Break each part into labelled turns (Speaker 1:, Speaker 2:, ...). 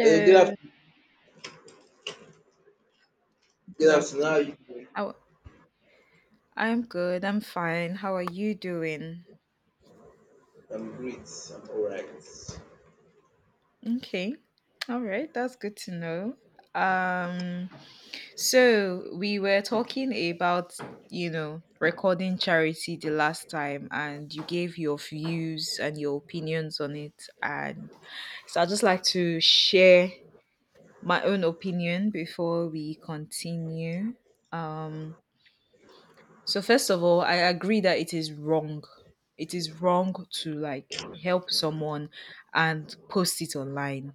Speaker 1: Hello, good afternoon.
Speaker 2: good
Speaker 1: Good afternoon. How
Speaker 2: afternoon.
Speaker 1: are you doing?
Speaker 2: Oh, I'm good. I'm fine. How are you doing?
Speaker 1: I'm great. I'm all right.
Speaker 2: Okay. All right. That's good to know. Um, so we were talking about, you know, recording charity the last time, and you gave your views and your opinions on it. And so I'd just like to share my own opinion before we continue. Um, So first of all, I agree that it is wrong. It is wrong to like help someone and post it online.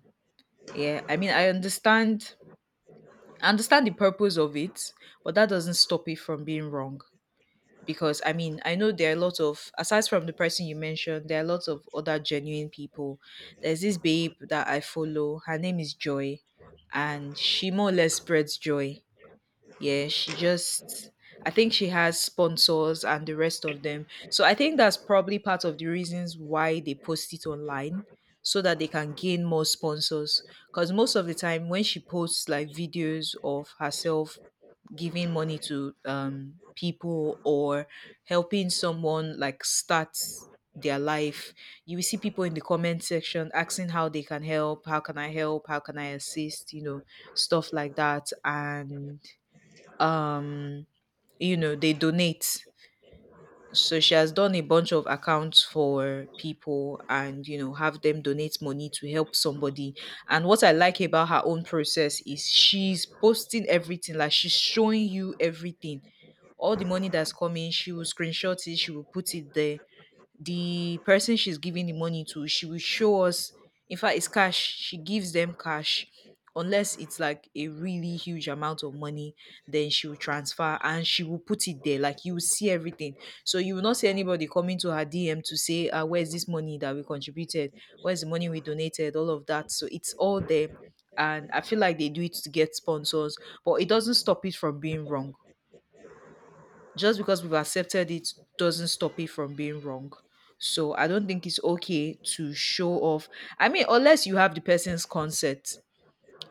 Speaker 2: Yeah. I mean, I understand the purpose of it, but that doesn't stop it from being wrong. Because I mean, I know there are a lot of aside from the person you mentioned, there are lots of other genuine people. There's this babe that I follow. Her name is Joy, and she more or less spreads joy, yeah, she just I think she has sponsors and the rest of them. So I think that's probably part of the reasons why they post it online so that they can gain more sponsors because most of the time when she posts like videos of herself giving money to people or helping someone like start their life, you will see people in the comment section asking how they can help, how can I help, how can I assist, stuff like that, and um you know, they donate. So she has done a bunch of accounts for people, and you know, have them donate money to help somebody. And what I like about her own process is she's posting everything, like she's showing you everything. All the money that's coming she will screenshot it, she will put it there. The person she's giving the money to, she will show us. In fact, it's cash. She gives them cash, unless it's like a really huge amount of money. Then she will transfer and she will put it there. Like you will see everything. So you will not see anybody coming to her DM to say, "Where's this money that we contributed? Where's the money we donated? All of that." So it's all there. And I feel like they do it to get sponsors, but it doesn't stop it from being wrong. Just because we've accepted it doesn't stop it from being wrong. So I don't think it's okay to show off. I mean, unless you have the person's consent,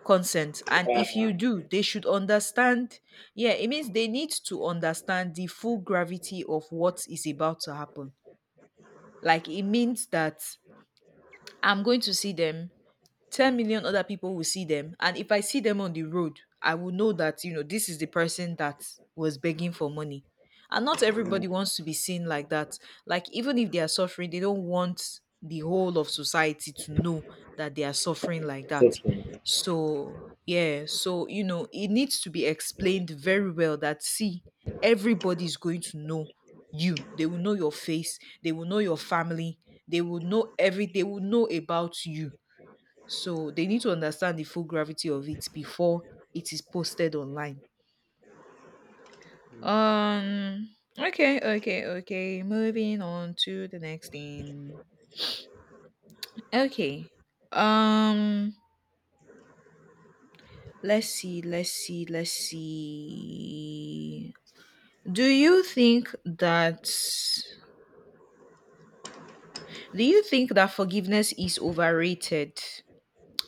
Speaker 2: consent, and if you
Speaker 1: Yeah.
Speaker 2: do, they should understand. Yeah, it means they need to understand the full gravity of what is about to happen. Like it means that I'm going to see them, 10 million other people will see them. And if I see them on the road, I will know that, you know, this is the person that was begging for money. And not everybody wants to be seen like that. Like, even if they are suffering, they don't want the whole of society to know that they are suffering like that. So, yeah. So, you know, it needs to be explained very well that, see, everybody is going to know you. They will know your face. They will know your family. They will know every. They will know about you, so they need to understand the full gravity of it before it is posted online. Um okay, okay, okay. Moving on to the next thing. Okay. Um let's see, let's see, let's see. Do you think that do you think that forgiveness is overrated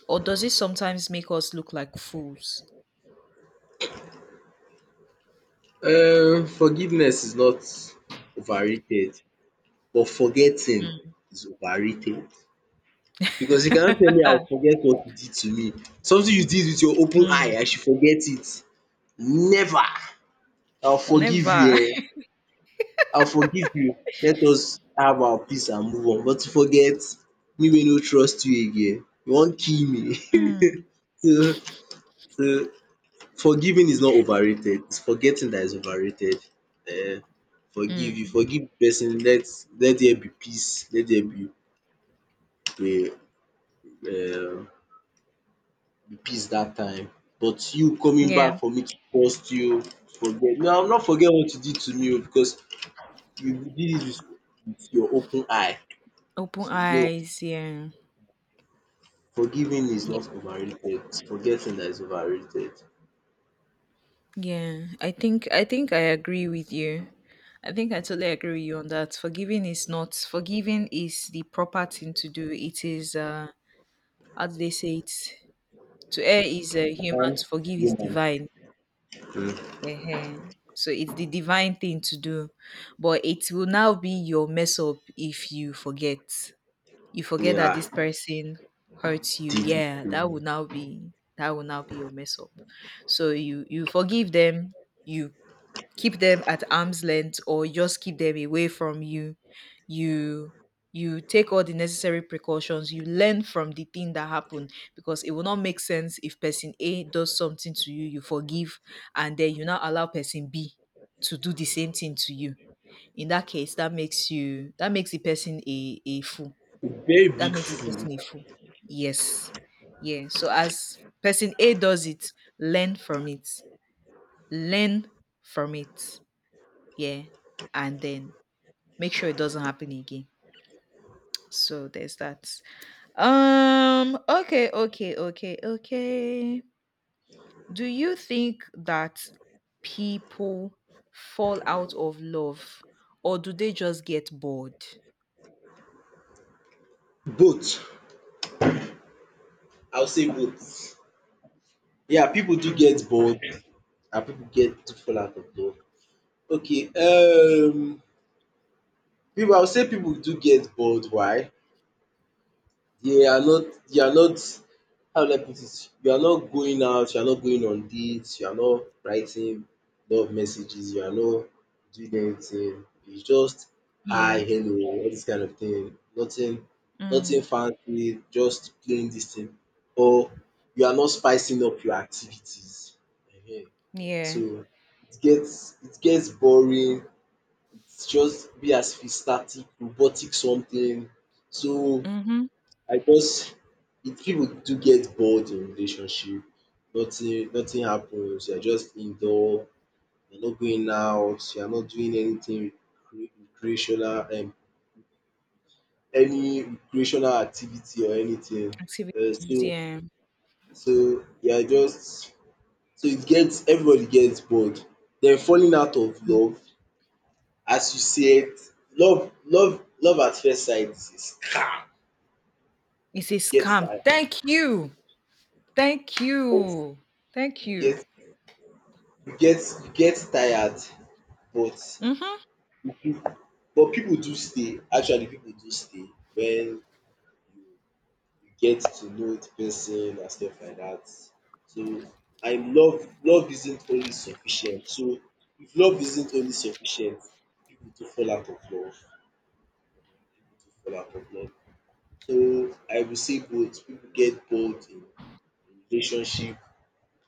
Speaker 2: or does it sometimes make us look like fools?
Speaker 1: Forgiveness is not overrated, but forgetting is overrated. Because you cannot tell me I'll forget what you did to me. Something you did with your open
Speaker 2: Mm,
Speaker 1: eye, I should forget it. Never. I'll forgive
Speaker 2: never.
Speaker 1: you. Eh? I'll forgive you. Let us have our peace and move on. But to forget, me will not trust you again. You won't kill me.
Speaker 2: Mm,
Speaker 1: so, so Forgiving is not overrated, it's forgetting that is overrated. um Forgive, you
Speaker 2: mm,
Speaker 1: forgive the person, let there be peace, let there be um peace that time. But you coming back
Speaker 2: yeah.
Speaker 1: for me to cost you, forget, no, I will not forget what you did to me oo, because you did it with your open eye.
Speaker 2: Open
Speaker 1: So no,
Speaker 2: eyes, yeah.
Speaker 1: forgiving is
Speaker 2: Yeah.
Speaker 1: not overrated, it's forgetting that is overrated.
Speaker 2: Yeah. I think I agree with you. I think I totally agree with you on that. Forgiving is not forgiving is the proper thing to do. It is how do they say it? To err is human, to forgive is divine.
Speaker 1: um
Speaker 2: uh So it's the divine thing to do. But it will now be your mess up if you forget. You forget that
Speaker 1: Yeah,
Speaker 2: this person hurts you, yeah,
Speaker 1: the
Speaker 2: that will now be your mess up. So you forgive them, you keep them at arm's length or just keep them away from you. you you take all the necessary precautions, you learn from the thing that happened, because it will not make sense if person A does something to you, you forgive, and then you now allow person B to do the same thing to you. In that case, that makes the person a fool,
Speaker 1: very
Speaker 2: that
Speaker 1: big
Speaker 2: makes the
Speaker 1: fool.
Speaker 2: person a fool. Yes. Yeah. So as person A does it, learn from it. Learn from it. Yeah. And then make sure it doesn't happen again. So there's that. Okay, okay, okay, okay. Do you think that people fall out of love or do they just get bored?
Speaker 1: Both I will say both. Yeah, people do
Speaker 2: Mm.
Speaker 1: get bored and people get to fall out of love. Okay, people. I will say people do get bored. Why? They are not you are not, how do I put it, you are not going out, you are not going on dates, you are not writing love messages, you are not doing anything. It's just hi,
Speaker 2: Yeah.
Speaker 1: hello, all this kind of thing. Nothing
Speaker 2: Mm.
Speaker 1: fancy, just plain this thing. Or you are not spicing up your activities. Ehen.
Speaker 2: Yeah.
Speaker 1: So it gets boring. It's just be as if it's static, robotic something. So,
Speaker 2: Mm-hmm.
Speaker 1: I just it people do get bored in relationship, nothing happens, you are just indoor, you are not going out, you are not doing anything cre- recreational, any recreational activity or anything.
Speaker 2: Activities.
Speaker 1: So
Speaker 2: Yeah.
Speaker 1: so you are just so it gets, everybody gets bored. Den falling out of love, as you said, love at first sight is,
Speaker 2: It's a
Speaker 1: you get
Speaker 2: scam.
Speaker 1: tired,
Speaker 2: Thank you. Thank you. Thank
Speaker 1: you
Speaker 2: you.
Speaker 1: get you get tired. But
Speaker 2: Mhm.
Speaker 1: but pipu do stay, actually pipu do stay wen you get to know di pesin and stuff like dat. So, and love isn't always sufficient. So if love isn't always sufficient, pipu do fall out of love, pipu do fall out of love. So I will say both, pipu get bored in relationship,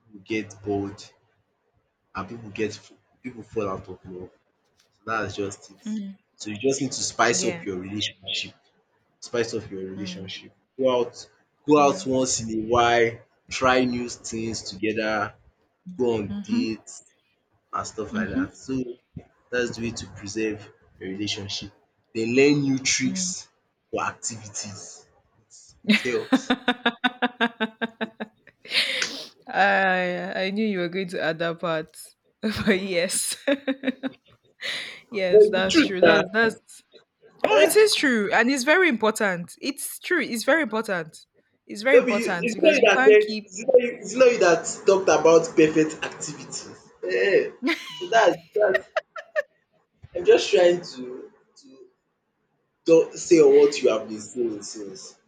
Speaker 1: pipu get bored, and pipu fall out of love. So that's just it.
Speaker 2: Mm.
Speaker 1: So you just need to spice up
Speaker 2: Yeah.
Speaker 1: your relationship. Spice up your
Speaker 2: Mm.
Speaker 1: relationship. Go out
Speaker 2: Yeah.
Speaker 1: once in a while, try new things together, go on
Speaker 2: Mhm.
Speaker 1: dates and stuff like
Speaker 2: Mhm.
Speaker 1: that. So that's the way to preserve your relationship. Then learn new
Speaker 2: Mm.
Speaker 1: tricks or activities. It it helps.
Speaker 2: I knew you were going to add that part. But yes.
Speaker 1: But
Speaker 2: Yes,
Speaker 1: it's the
Speaker 2: that's true.
Speaker 1: truth
Speaker 2: That's no, it
Speaker 1: na.
Speaker 2: is true. And it's very important. It's true. It's very important. It's very
Speaker 1: No be you,
Speaker 2: important
Speaker 1: it's not
Speaker 2: because
Speaker 1: you
Speaker 2: you
Speaker 1: that
Speaker 2: can't
Speaker 1: said,
Speaker 2: keep
Speaker 1: it's not you that talked about perfect activities. Ehen, so that's dat's I'm just trying to talk say on what you have been saying since.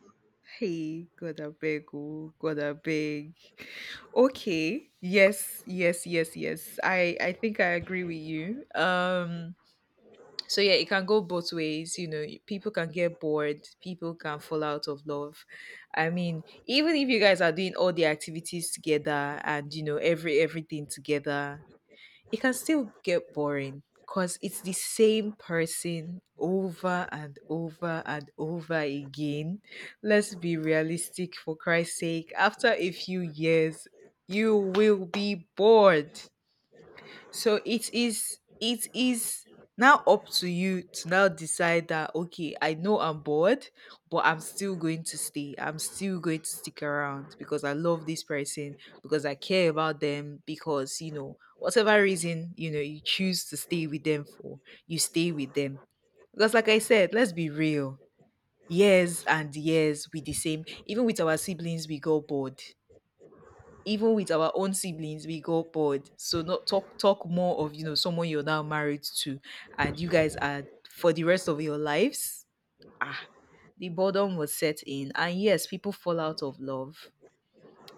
Speaker 2: Hey, gotta beg, oh, gotta beg. Okay. Yes, yes, yes, yes. I think I agree with you. So yeah, it can go both ways, you know. People can get bored, people can fall out of love. I mean, even if you guys are doing all the activities together and you know everything together, it can still get boring because it's the same person over and over and over again. Let's be realistic for Christ's sake. After a few years, you will be bored. So it is now up to you to now decide that okay, I know I'm bored, but I'm still going to stay. I'm still going to stick around because I love this person, because I care about them, because you know, whatever reason, you know, you choose to stay with them for, you stay with them. Because like I said, let's be real. Years and years with the same, even with our siblings, we got bored, even with our own siblings, we got bored. So not talk more of, you know, someone you're now married to, and you guys are for the rest of your lives. Ah, the boredom was set in, and yes, people fall out of love.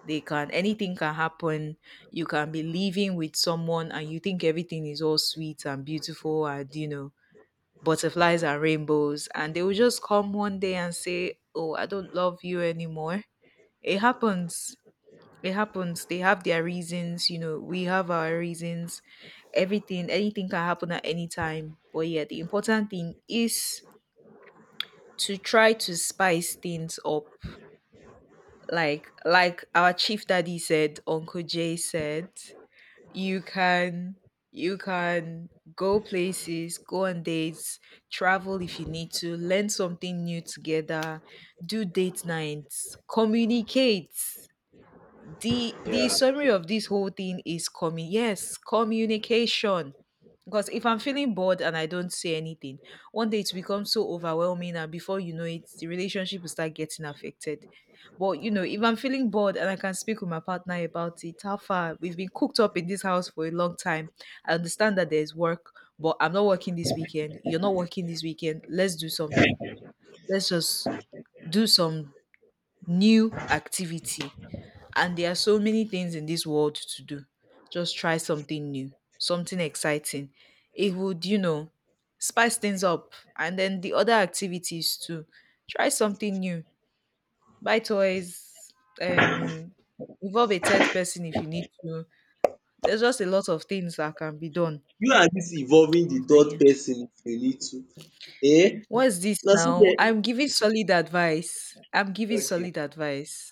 Speaker 2: They can anything can happen. You can be living with someone, and you think everything is all sweet and beautiful, and you know, butterflies and rainbows, and they will just come one day and say, "Oh, I don't love you anymore." It happens it happens. They have their reasons, you know, we have our reasons. Anything can happen at any time. But yeah, the important thing is to try to spice things up. Like our chief daddy said, Uncle Jay said, you can you can go places, go on dates, travel if you need to, learn something new together, do date nights, communicate. The
Speaker 1: Yeah.
Speaker 2: summary of this whole thing is coming, yes, communication. Because if I'm feeling bored and I don't say anything, one day it becomes so overwhelming, and before you know it, the relationship will start getting affected. But you know, if I'm feeling bored and I can speak with my partner about it, how far, we've been cooked up in this house for a long time, I understand that there's work, but I'm not working this weekend, you're not working this weekend, let's do something. Let's just do some new activity. And there are so many things in this world to do. Just try something new, something exciting. It would, you know, spice things up. And then the other activities too. Try something new. Buy toys. Um involve a third person if you need to. There's just a lot of things that can be done.
Speaker 1: You and dis involving the
Speaker 2: So yeah.
Speaker 1: third person if you need to. Eh,
Speaker 2: What's this
Speaker 1: na so
Speaker 2: now?
Speaker 1: dem,
Speaker 2: I'm giving solid advice. I'm giving solid
Speaker 1: okay,
Speaker 2: advice.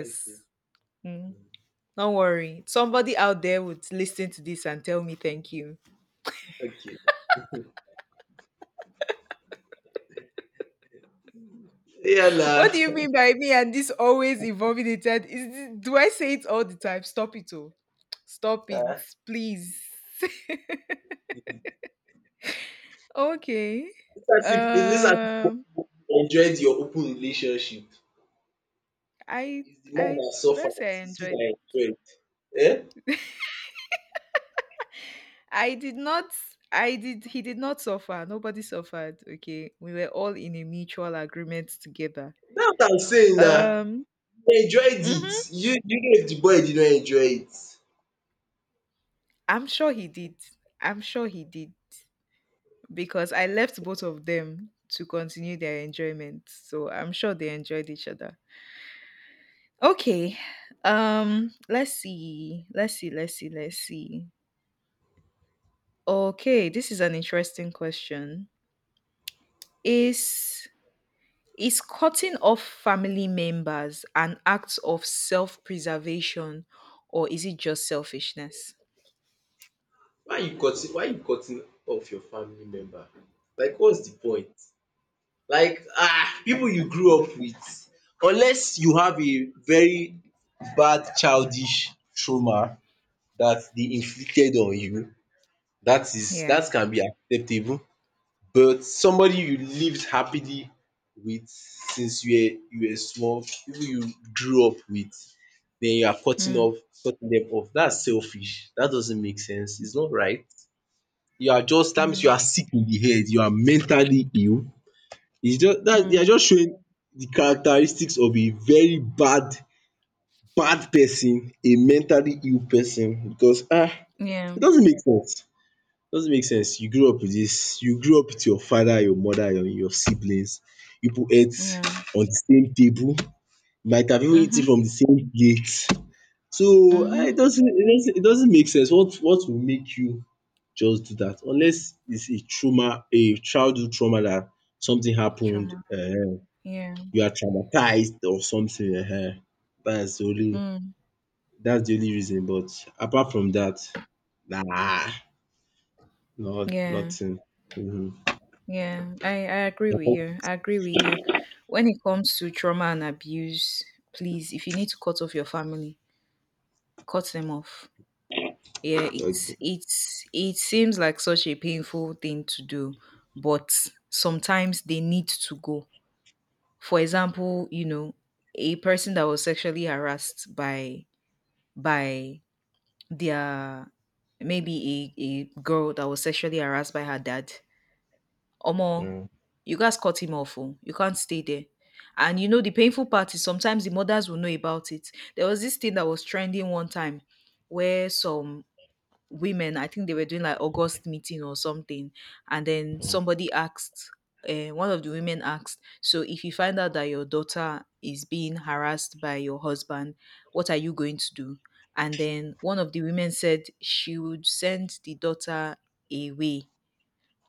Speaker 1: okay,
Speaker 2: Mhm. Don't worry. Somebody out there would listen to this and tell me thank you.
Speaker 1: okay. Yeah na,
Speaker 2: What do you mean by me and this always involving the third? Is this, do I say it all the time? Stop it, oh. Stop it,
Speaker 1: um
Speaker 2: please. okay.
Speaker 1: it's as if
Speaker 2: Um,
Speaker 1: you enjoyed your open relationship.
Speaker 2: I,
Speaker 1: It's the man
Speaker 2: I
Speaker 1: dat
Speaker 2: would I
Speaker 1: suffered,
Speaker 2: say I
Speaker 1: it's you
Speaker 2: enjoyed.
Speaker 1: dat enjoyed. Eh?
Speaker 2: I did not. I did. He did not suffer. Nobody suffered. Okay, we were all in a mutual agreement together.
Speaker 1: Dat I'm saying na,
Speaker 2: Um,
Speaker 1: you enjoyed it,
Speaker 2: mhm.
Speaker 1: you know if the boy didn't enjoy it.
Speaker 2: I'm sure he did. I'm sure he did. Because I left both of them to continue their enjoyment. So I'm sure they enjoyed each other. Okay. Let's see. Let's see. Let's see. Let's see. Okay, this is an interesting question. Is is cutting off family members an act of self-preservation or is it just selfishness?
Speaker 1: Why you cutting off your family member? Like what's the point? Like ah, pipu you grew up with, unless you have a very bad childish trauma dat dey inflicted on you, dat is
Speaker 2: Yeah.
Speaker 1: dat can be acceptable. But somebody you lived happily with since you were small, people you grew up with, then you are
Speaker 2: Mm,
Speaker 1: cutting them off. That's selfish. That doesn't make sense. It's not right. You are just That means you
Speaker 2: mm,
Speaker 1: are sick in the head. You are mentally ill. It's just that you are
Speaker 2: mm.
Speaker 1: just showing the characteristics of a very bad person, a mentally ill person, because
Speaker 2: Yeah.
Speaker 1: it doesn't make sense. Doesn't make sense. You grew up with this. You grew up with your father, your mother, your siblings. You pipu ate
Speaker 2: Yeah.
Speaker 1: on the same table, might have even eaten
Speaker 2: Mhm.
Speaker 1: from the same plate. So
Speaker 2: Mhm.
Speaker 1: it doesn't make sense. What will make you just do that? Unless it's a trauma, a childhood trauma, that something happened,
Speaker 2: Trauma. Yeah.
Speaker 1: you are traumatized or something. That's the only
Speaker 2: Mm,
Speaker 1: That's the only reason, but apart from that, nah, not
Speaker 2: yeah.
Speaker 1: nothing.
Speaker 2: Yeah, I agree with you. I agree with you. When it comes to trauma and abuse, please, if you need to cut off your family, cut them off. Yeah, it's
Speaker 1: um
Speaker 2: it's it seems like such a painful thing to do, but sometimes they need to go. For example, a person that was sexually harassed by by their maybe a girl that was sexually harassed by her dad. Omo, you guys cut him off oh. You can't stay there. And you know the painful part is sometimes the mothers will know about it. There was this thing that was trending one time where some women, I think they were doing like August meeting or something, and then somebody asked, one of the women asked, so if you find out that your daughter is being harassed by your husband, what are you going to do? And then one of the women said she would send the daughter away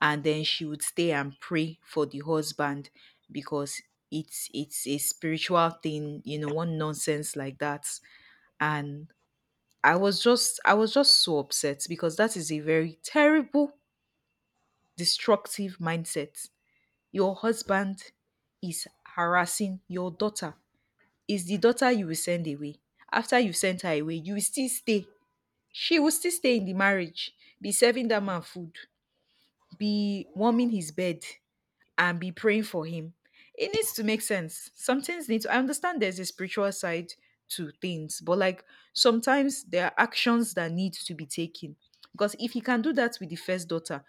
Speaker 2: and then she would stay and pray for the husband because it's a spiritual thing, you know, one nonsense like that. And I was just so upset because that is a very terrible, destructive mindset. Your husband is harassing your daughter, is the daughter you will send away? After you sent her away you will still stay, she will still stay in the marriage, be serving that man food, be warming his bed, and be praying for him. It needs to make sense. Some things need to, I understand there's a spiritual side to things, but like sometimes there are actions that need to be taken. Because if he can do that with the first daughter,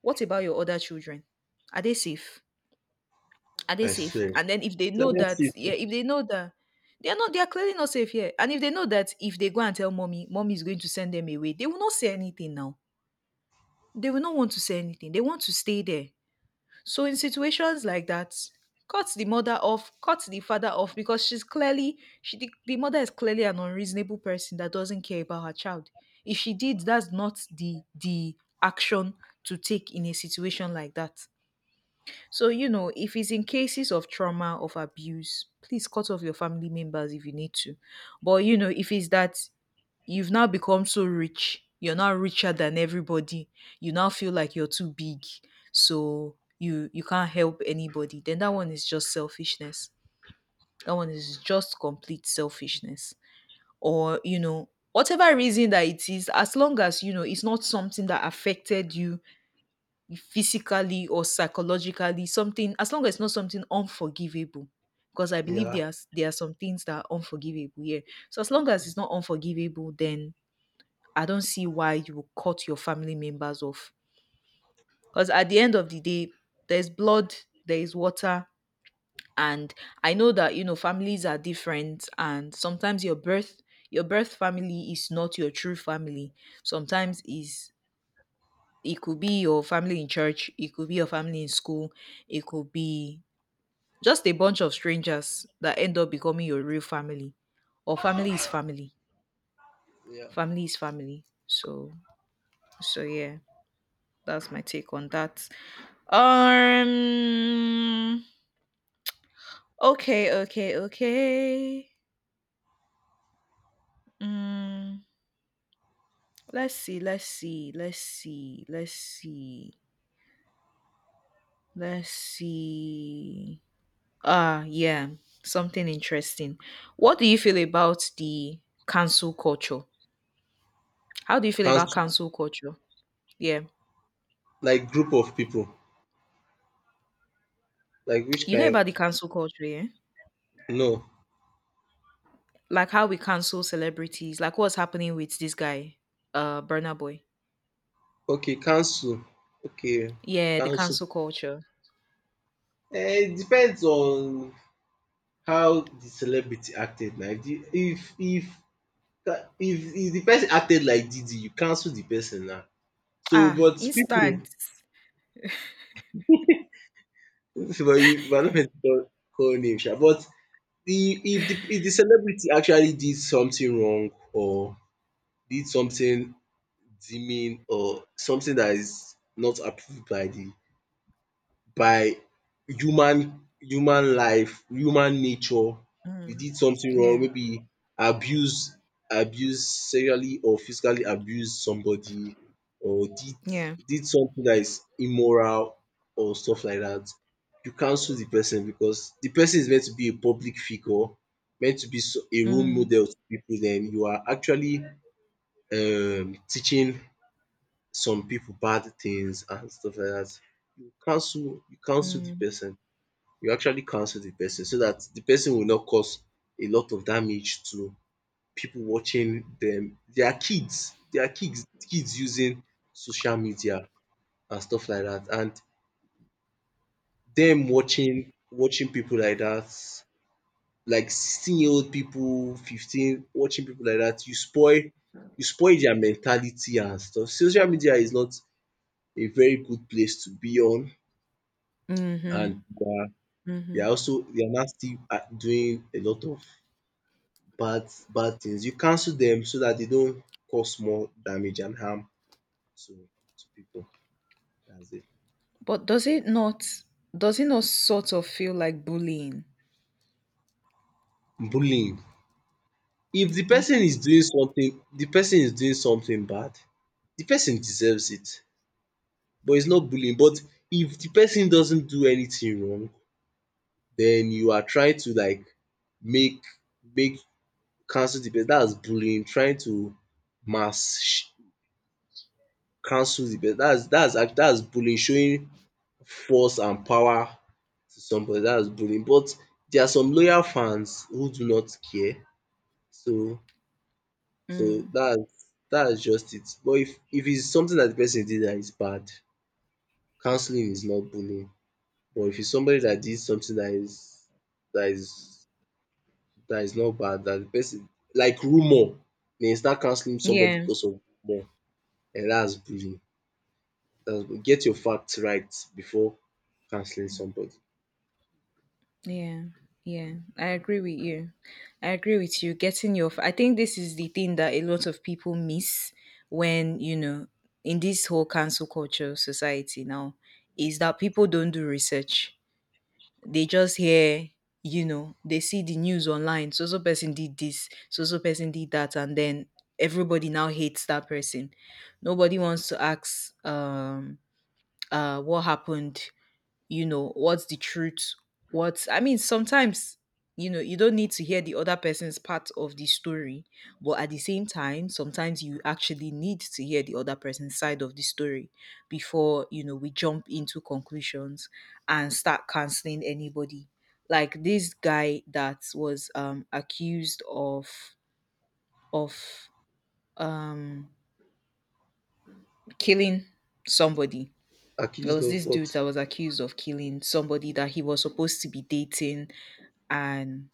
Speaker 2: what about your other children? Are they safe? Are they
Speaker 1: I
Speaker 2: safe?
Speaker 1: swear.
Speaker 2: And then if they know that,
Speaker 1: Jealousy,
Speaker 2: yeah, if they know that they are not, they are clearly not safe here. And if they know that if they go and tell mommy, mommy is going to send them away, they will not say anything now. They will not want to say anything. They want to stay there. So in situations like that, cut the mother off, cut the father off, because she's clearly she the mother is clearly an unreasonable person that doesn't care about her child. If she did, that's not the action to take in a situation like that. So, you know, if it's in cases of trauma, of abuse, please cut off your family members if you need to. But, you know, if it's that you've now become so rich, you're now richer than everybody, you now feel like you're too big, so you can't help anybody, then that one is just selfishness. That one is just complete selfishness. Or, you know, whatever reason that it is, as long as, you know, it's not something that affected you physically or psychologically, something, as long as it's not something unforgivable, because I believe
Speaker 1: yeah,
Speaker 2: there are some things that are unforgivable, yeah. So as long as it's not unforgivable, then I don't see why you will cut your family members off, because at the end of the day, there's blood, there is water. And I know that, you know, families are different, and sometimes your birth family is not your true family, sometimes is. It could be your family in church, it could be your family in school, it could be just a bunch of strangers that end up becoming your real family. Or family is family. Family is family. So yeah, that's my take on that. Um okay, okay, okay. Mm, let's see, let's see, let's see, let's see, let's see. Ah, yeah, something interesting. What do you feel about the cancel culture? How do you feel about
Speaker 1: council,
Speaker 2: cancel culture? Yeah,
Speaker 1: like group of people. Like which
Speaker 2: you know
Speaker 1: kind of,
Speaker 2: about the cancel culture, yeah?
Speaker 1: no.
Speaker 2: Like how we cancel celebrities, like what's happening with this guy, Burna Boy.
Speaker 1: Okay, council. Okay,
Speaker 2: Yeah, the
Speaker 1: council.
Speaker 2: cancel culture.
Speaker 1: Eh, it depends on how the celebrity acted. Like if the person acted like Didi, you cancel the person now. So,
Speaker 2: Ah,
Speaker 1: but
Speaker 2: instant.
Speaker 1: people But you are not meant to call name sha, but the if the if the celebrity actually did something wrong, or did something deeming, or something that is not approved by the by human life, human nature. You
Speaker 2: Mm.
Speaker 1: did something wrong,
Speaker 2: Yeah,
Speaker 1: maybe abuse abuse sexually, or physically abuse somebody, or did
Speaker 2: yeah.
Speaker 1: did something that is immoral, or stuff like that. You cancel the person because the person is meant to be a public figure, meant to be a role
Speaker 2: Mm,
Speaker 1: model to people, then you are actually teaching some people bad things and stuff like that. you cancel, you cancel the
Speaker 2: mm,
Speaker 1: person, you actually cancel the person, so that the person will not cause a lot of damage to people watching dem, their kids' kids using social media and stuff like that, and them watching people like that, like 16-year-old people, 15 watching people like that. You spoil their mentality and stuff. Social media is not a very good place to be on,
Speaker 2: mm-hmm,
Speaker 1: and they are they
Speaker 2: mm-hmm.
Speaker 1: are also, they are now still doing a lot of bad bad things. You cancel them so that they don't cause more damage and harm to people. That's it.
Speaker 2: But does it not sort of feel like bullying?
Speaker 1: Bullying. If the
Speaker 2: Mm-hmm.
Speaker 1: person is doing something, the person is doing something bad, the person deserves it, but it's not bullying. But if the person doesn't do anything wrong, then you are trying to like make make cancel the person. That is bullying. Trying to mass sh- cancel the person. That's bullying, showing force and power to somebody. That's bullying. But there are some loyal fans who do not care, so
Speaker 2: Mm.
Speaker 1: dats is just it. But if it's something that the person did that is bad, cancelling is not bullying. But if it's somebody that did something that is not bad, that de person, like rumour, den you start cancelling somebody
Speaker 2: Yeah.
Speaker 1: because of rumour, and that's bullying. Get your facts right before cancelling somebody.
Speaker 2: Yeah, yeah, I agree with you. I agree with you. Getting your, f- I think this is the thing that a lot of people miss when, you know, in this whole cancel culture society now, is that people don't do research. They just hear, you know, they see the news online. So, so person did this, so, so person did that. And then everybody now hates that person. Nobody wants to ask, what happened, you know, what's the truth, what's I mean, sometimes, you know, you don't need to hear the other person's part of the story, but at the same time sometimes you actually need to hear the other person's side of the story before, you know, we jump into conclusions and start canceling anybody. Like this guy that was accused of of um killing somebody. There
Speaker 1: Accused
Speaker 2: was
Speaker 1: of
Speaker 2: this dude
Speaker 1: what?
Speaker 2: that was accused of killing somebody that he was supposed to be dating, and